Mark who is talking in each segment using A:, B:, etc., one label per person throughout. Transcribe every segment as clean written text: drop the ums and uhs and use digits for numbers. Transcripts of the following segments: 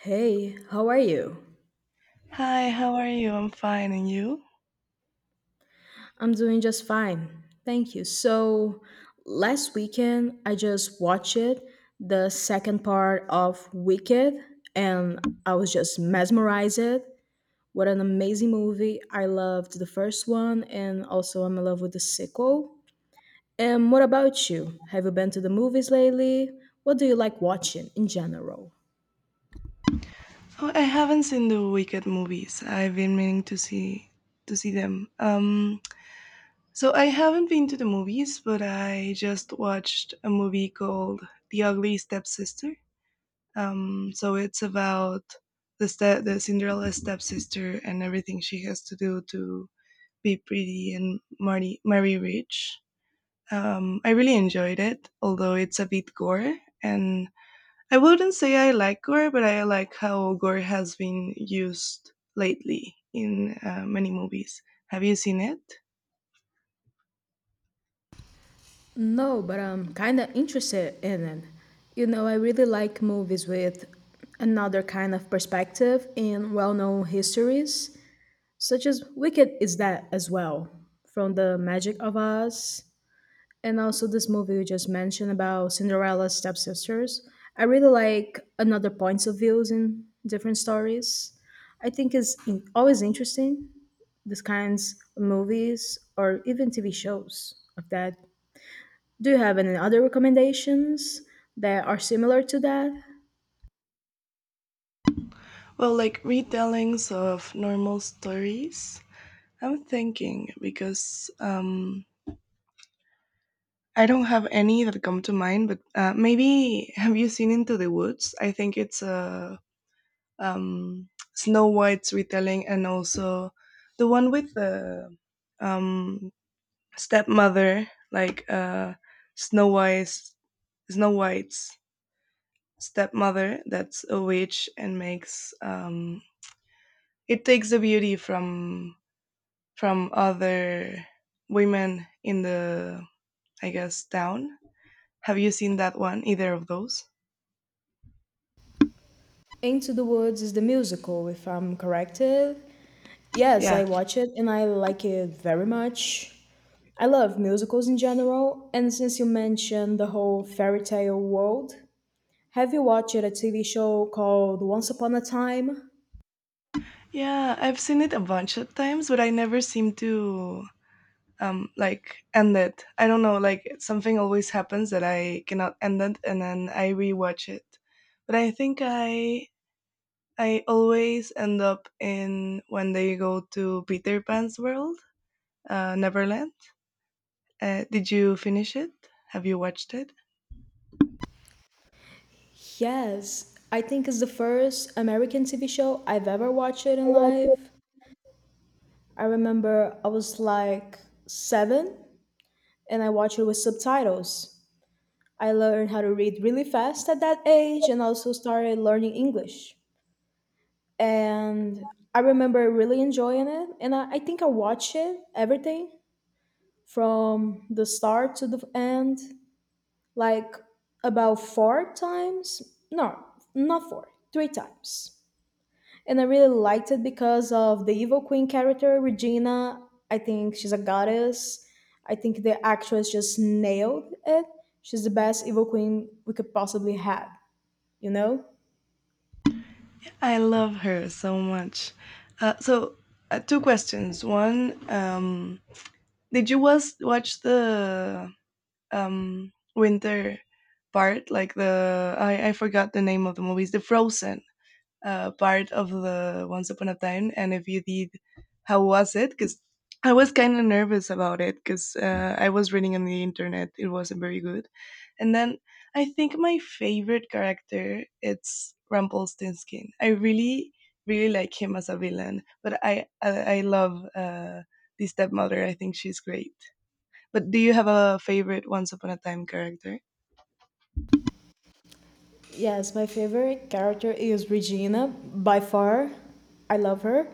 A: Hey, how are you?
B: Hi, how are you? I'm fine, and you?
A: I'm doing just fine. Thank you. So, last weekend I just watched it, the second part of Wicked, and I was just mesmerized. What an amazing movie. I loved the first one and also I'm in love with the sequel. And what about you? Have you been to the movies lately? What do you like watching in general?
B: Oh, I haven't seen the Wicked movies. I've been meaning to see them. So I haven't been to the movies, but I just watched a movie called The Ugly Stepsister. So it's about the Cinderella stepsister and everything she has to do to be pretty and marry rich. I really enjoyed it, although it's a bit gore and I wouldn't say I like gore, but I like how gore has been used lately in many movies. Have you seen it?
A: No, but I'm kind of interested in it. You know, I really like movies with another kind of perspective in well known histories, such as Wicked is that as well, from The Magic of Oz, and also this movie you just mentioned about Cinderella's stepsisters. I really like another points of views in different stories. I think it's always interesting, these kinds of movies or even TV shows of that do you have any other recommendations that are similar to that?
B: Well, like retellings of normal stories. I'm thinking because I don't have any that come to mind, but maybe have you seen Into the Woods? I think it's a um, Snow White's retelling, and also the one with the um, stepmother, like Snow White's Snow White's stepmother. That's a witch and makes it takes the beauty from other women in the I guess town. Have you seen that one? Either of those?
A: Into the Woods is the musical, if I'm corrected. Yes, I
B: Yeah.
A: watch it and I like it very much. I love musicals in general, and since you mentioned the whole fairy tale world, have you watched a TV show called Once Upon a Time?
B: Yeah, I've seen it a bunch of times, but I never seem to like end it. I don't know, like something always happens that I cannot end it and then I rewatch it. But I think I always end up in when they go to Peter Pan's world, Neverland. Did you finish it? Have you watched it?
A: Yes, I think it's the first American TV show I've ever watched it in life. I remember I was like seven and I watched it with subtitles. I learned how to read really fast at that age and also started learning English. And I remember really enjoying it. And I think I watched it, everything from the start to the end, like about four times. No, not four, three times. And I really liked it because of the Evil Queen character, Regina. I think she's a goddess. I think the actress just nailed it. She's the best Evil Queen we could possibly have, you know?
B: I love her so much. Uh, so, two questions. One, did you was watch the winter part like the I forgot the name of the movies, the Frozen part of the Once Upon a Time. And if you did, how was it? Because I was kind of nervous about it because I was reading on the internet it wasn't very good, and then I think my favorite character, it's Rumpelstiltskin. I really like him as a villain. But I love the stepmother. I think she's great, but do you have a favorite Once Upon a Time character?
A: Yes, my favorite character is Regina by far. I love her.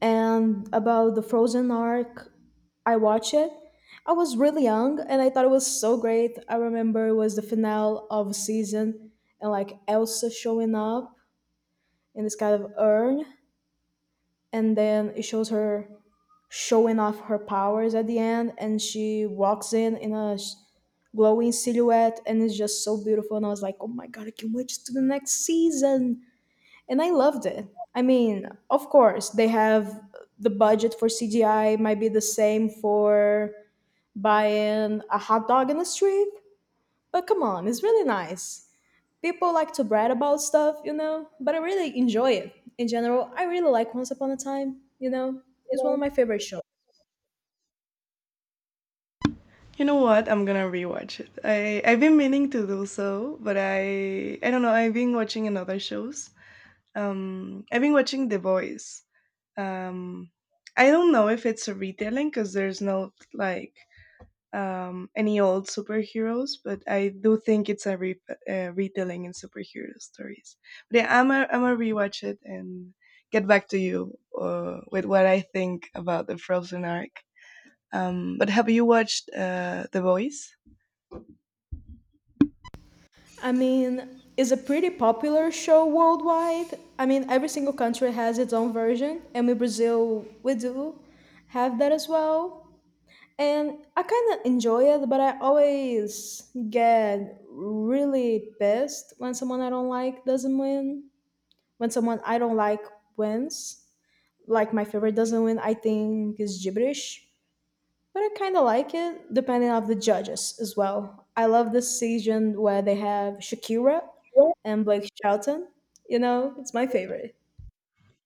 A: And about the Frozen arc, I watched it. I was really young and I thought it was so great. I remember it was the finale of a season and like Elsa showing up in this kind of urn and then it shows her showing off her powers at the end and she walks in a glowing silhouette, and it's just so beautiful. And I was like, oh my god, I can't wait to the next season. And I loved it. I mean, of course, they have the budget for CGI might be the same for buying a hot dog in the street, but come on, it's really nice. People like to brag about stuff, you know, but I really enjoy it in general. I really like Once Upon a Time, you know, it's one of my favorite shows.
B: You know what? I'm gonna rewatch it. I've been meaning to do so, but I don't know. I've been watching another shows. I've been watching The Voice. Um, I don't know if it's a retelling because there's no like any old superheroes, but I do think it's a retelling in superhero stories. But yeah, I'm a rewatch it and get back to you with what I think about the Frozen arc. But have you watched The Boys?
A: I mean, it's a pretty popular show worldwide. I mean, every single country has its own version, and in Brazil, we do have that as well. And I kind of enjoy it, but I always get really pissed when someone I don't like doesn't win. When someone I don't like wins, like my favorite doesn't win, I think is gibberish but I kind of like it, depending on the judges as well. I love the season where they have Shakira and Blake Shelton. You know, it's my favorite.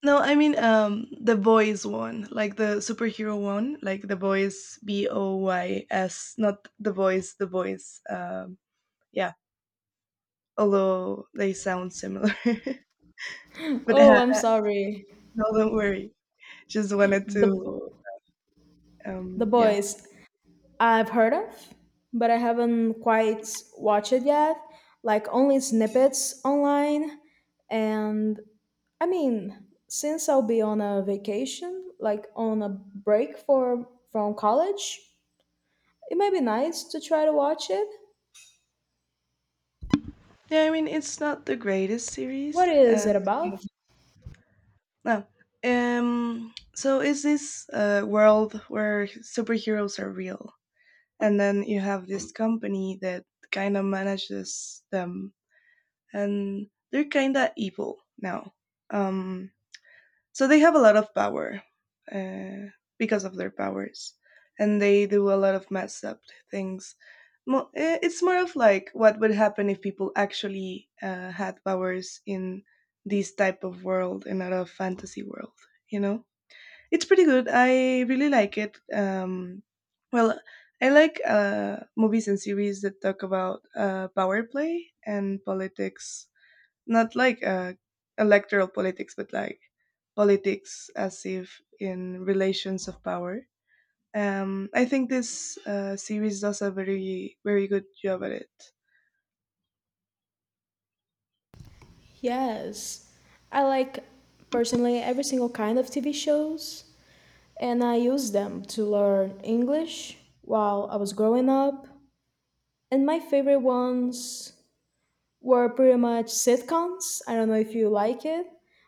B: No, I mean the Boys one, like the superhero one, like The Boys, B O Y S, not the boys, the boys. Yeah, although they sound similar, but
A: Oh, I'm sorry.
B: no, don't worry. Just wanted
A: The Bo-
B: to,
A: The
B: yeah,
A: Boys. I've heard of, but I haven't quite watched it yet. Like only snippets online, and I mean, since I'll be on a vacation, like on a break for from college, it might be nice to try to watch it.
B: yeah. I mean, it's not the greatest
A: What
B: series,
A: is it
B: and yeah.
A: about?
B: No. So is this world where superheroes are real, and then you have this company that kind of manages them, and they're kind of evil now. Um, so they have a lot of power uh, because of their powers, and they do a lot of messed up things. It's more of like what would happen if people actually had powers in this type of world and not a fantasy world you know it's pretty good. I really like it. Well, I like movies and series that talk about power play and politics. Not like electoral politics, but like politics as if in relations of power. I think this series does a very very good job at it.
A: Yes. I like personally every single kind of TV shows and I used them to learn English while I was growing up. And my favorite ones were pretty much sitcoms. I don't know if you like it,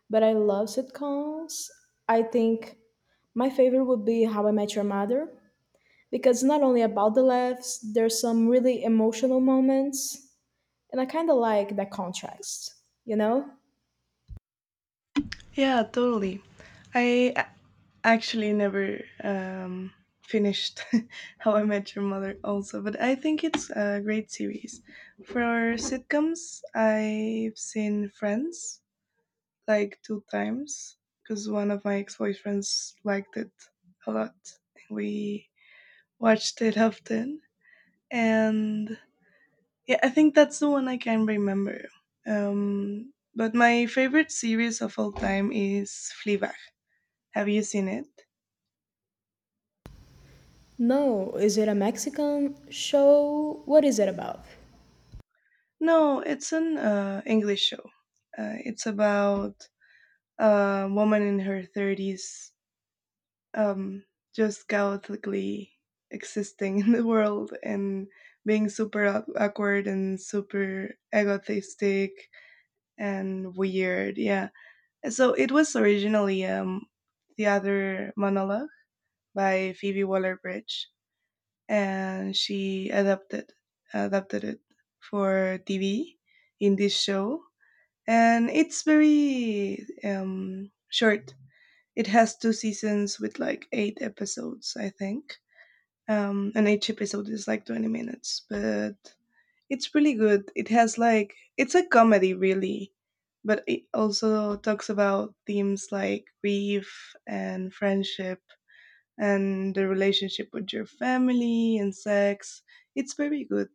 A: but I love sitcoms. I think my favorite would be How I Met Your Mother because not only about the laughs, there's some really emotional moments, and I kind of like that contrast, you know?
B: Yeah, totally. I a- Actually never finished How I Met Your Mother also, but I think it's a great series. For sitcoms, I've seen Friends like two times because one of my ex boyfriends liked it a lot. We watched it often. And yeah, I think that's the one I can remember. But my favorite series of all time is Fleabag. Have you seen it?
A: No, is it a Mexican show? What is it about?
B: No, it's an English show. It's about a woman in her thirties, um, just chaotically existing in the world and being super awkward and super egotistic and weird. Yeah, so it was originally theater monologue by Phoebe Waller-Bridge, and she adapted it for TV in this show, and it's very short. It has two seasons with like eight episodes, I think, and each episode is like 20 minutes. But it's really good. It has like it's a comedy really, but it also talks about themes like grief and friendship and the relationship with your family and sex. It's very good.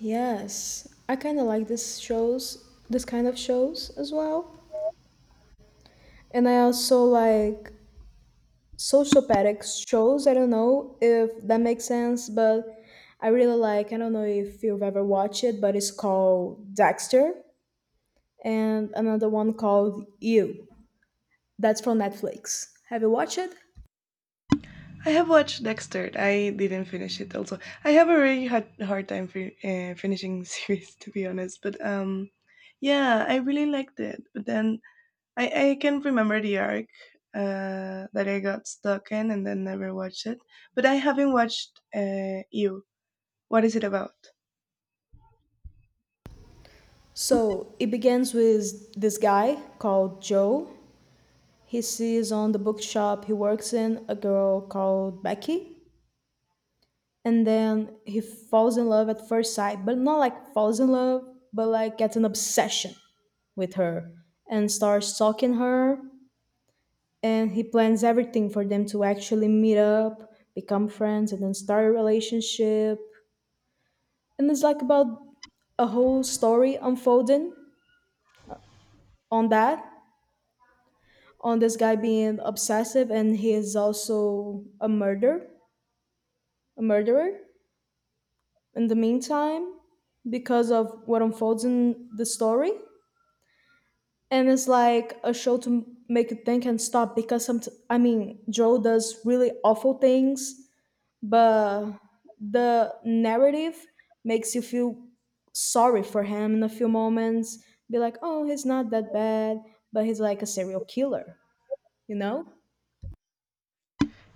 A: Yes, I kind of like this shows, this kind of shows as well. And I also like sociopathic shows. I don't know if that makes sense, but I really like, I don't know if you've ever watched it, but it's called Dexter and another one called You. That's from Netflix. Have you watched it?
B: I have watched Dexter. I didn't finish it also. I have a really hard time finishing series to be honest, but yeah, I really liked it. But then I can remember the arc that I got stuck in and then never watched it. But I haven't watched You. What is it about?
A: So it begins with this guy called Joe, he sees on the bookshop he works in a girl called Becky. And then he falls in love at first sight, but not like falls in love, but like gets an obsession with her and starts stalking her. And he plans everything for them to actually meet up, become friends, and then start a relationship. And it's like about a whole story unfolding on that, on this guy being obsessive, and he is also a murder, a murderer in the meantime because of what unfolds in the story. And it's like a show to make you think and stop because some I mean Joe does really awful things, but the narrative makes you feel sorry for him in a few moments. Be like, oh, he's not that bad, but he's like a serial killer, you know?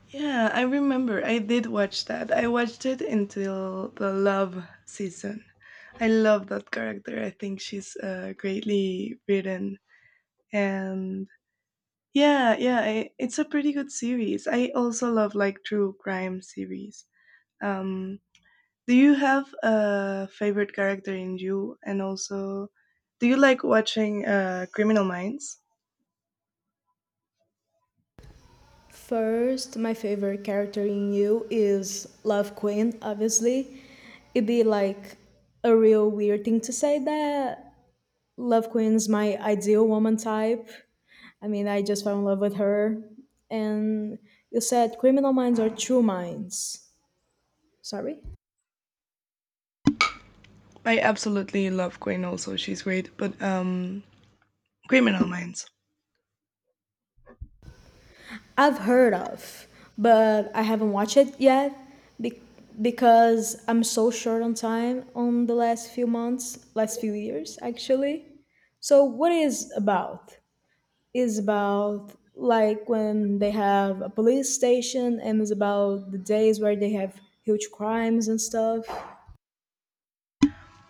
B: Yeah, I remember. I did watch that. I watched it until the Love season. I love that character. I think she's greatly written. And yeah, it's a pretty good series. I also love like true crime series. Um, Do you have a favorite character in You? And also, do you like watching Criminal Minds?
A: First, my favorite character in you is Love Queen, obviously. It'd be like a real weird thing to say that Love Queen's my ideal woman type. I mean, I just fell in love with her. And you said criminal minds are true minds. Sorry?
B: I absolutely love Queen. Also, she's great. But Criminal Minds.
A: I've heard of, but I haven't watched it yet be- because I'm so short on time on the last few months, last few years actually. So what is about? Is about like when they have a police station and it's about the days where they have huge crimes and stuff.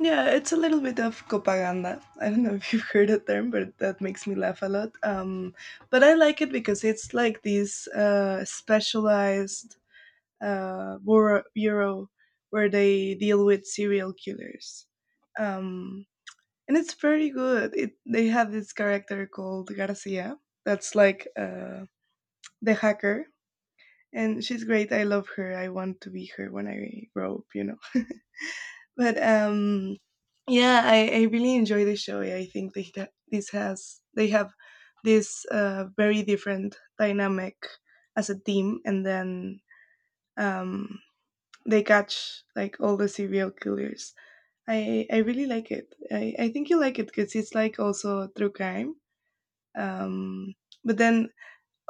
B: Yeah, it's a little bit of copaganda. I don't know if you've heard that term, but that makes me laugh a lot. But I like it because it's like these specialized bureau where they deal with serial killers. Um, and it's very good. They have this character called Garcia that's like the hacker. And she's great. I love her. I want to be her when I grow up, you know. But yeah, I really enjoy the show. I think they have this very different dynamic as a team, and then um, they catch like all the serial killers. I really like it. I think you like it because it's like also true crime. Um, but then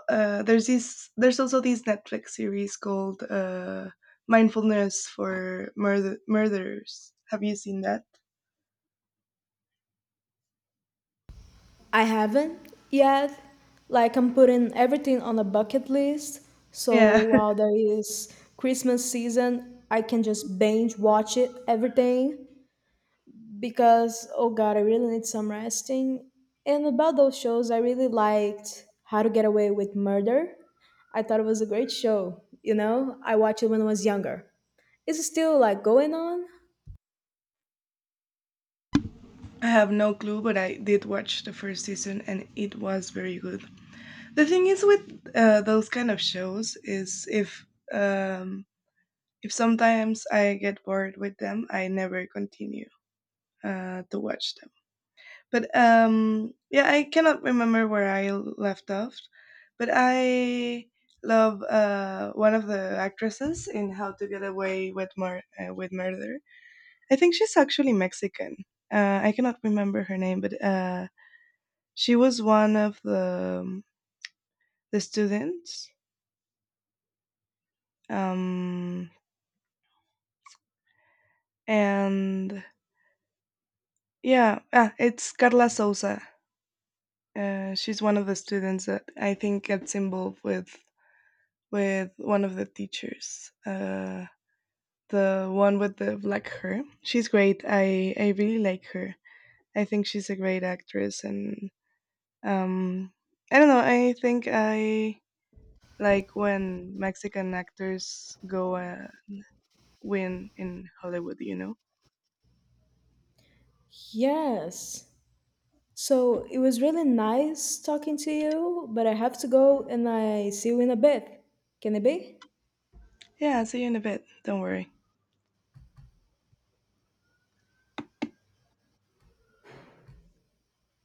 B: uh, there's also this Netflix series called Mindfulness for Murderers. Have you seen that?
A: I haven't yet. Like I'm putting everything on a bucket list. So
B: Yeah,
A: while there is Christmas season, I can just binge watch it everything because oh god, I really need some resting. And about those shows, I really liked How to Get Away with Murder. I thought it was a great show, you know? I watched it when I was younger. Is it still like going on?
B: I have no clue, but I did watch the first season and it was very good. The thing is with those kind of shows is um, if sometimes I get bored with them, I never continue to watch them. But yeah, I cannot remember where I left off. But I love one of the actresses in How to Get Away with Murder. I think she's actually Mexican. I cannot remember her name, but she was one of the students. Um, and yeah, ah, it's Carla Souza. She's one of the students that I think gets involved with one of the teachers. The one with the black hair. She's great. I really like her. I think she's a great actress, and um, I don't know. I think I like when Mexican actors go win in Hollywood. You know.
A: Yes. So it was really nice talking to you, but I have to go and I see you in a bit. Can it be?
B: Yeah. See you in a bit. Don't worry.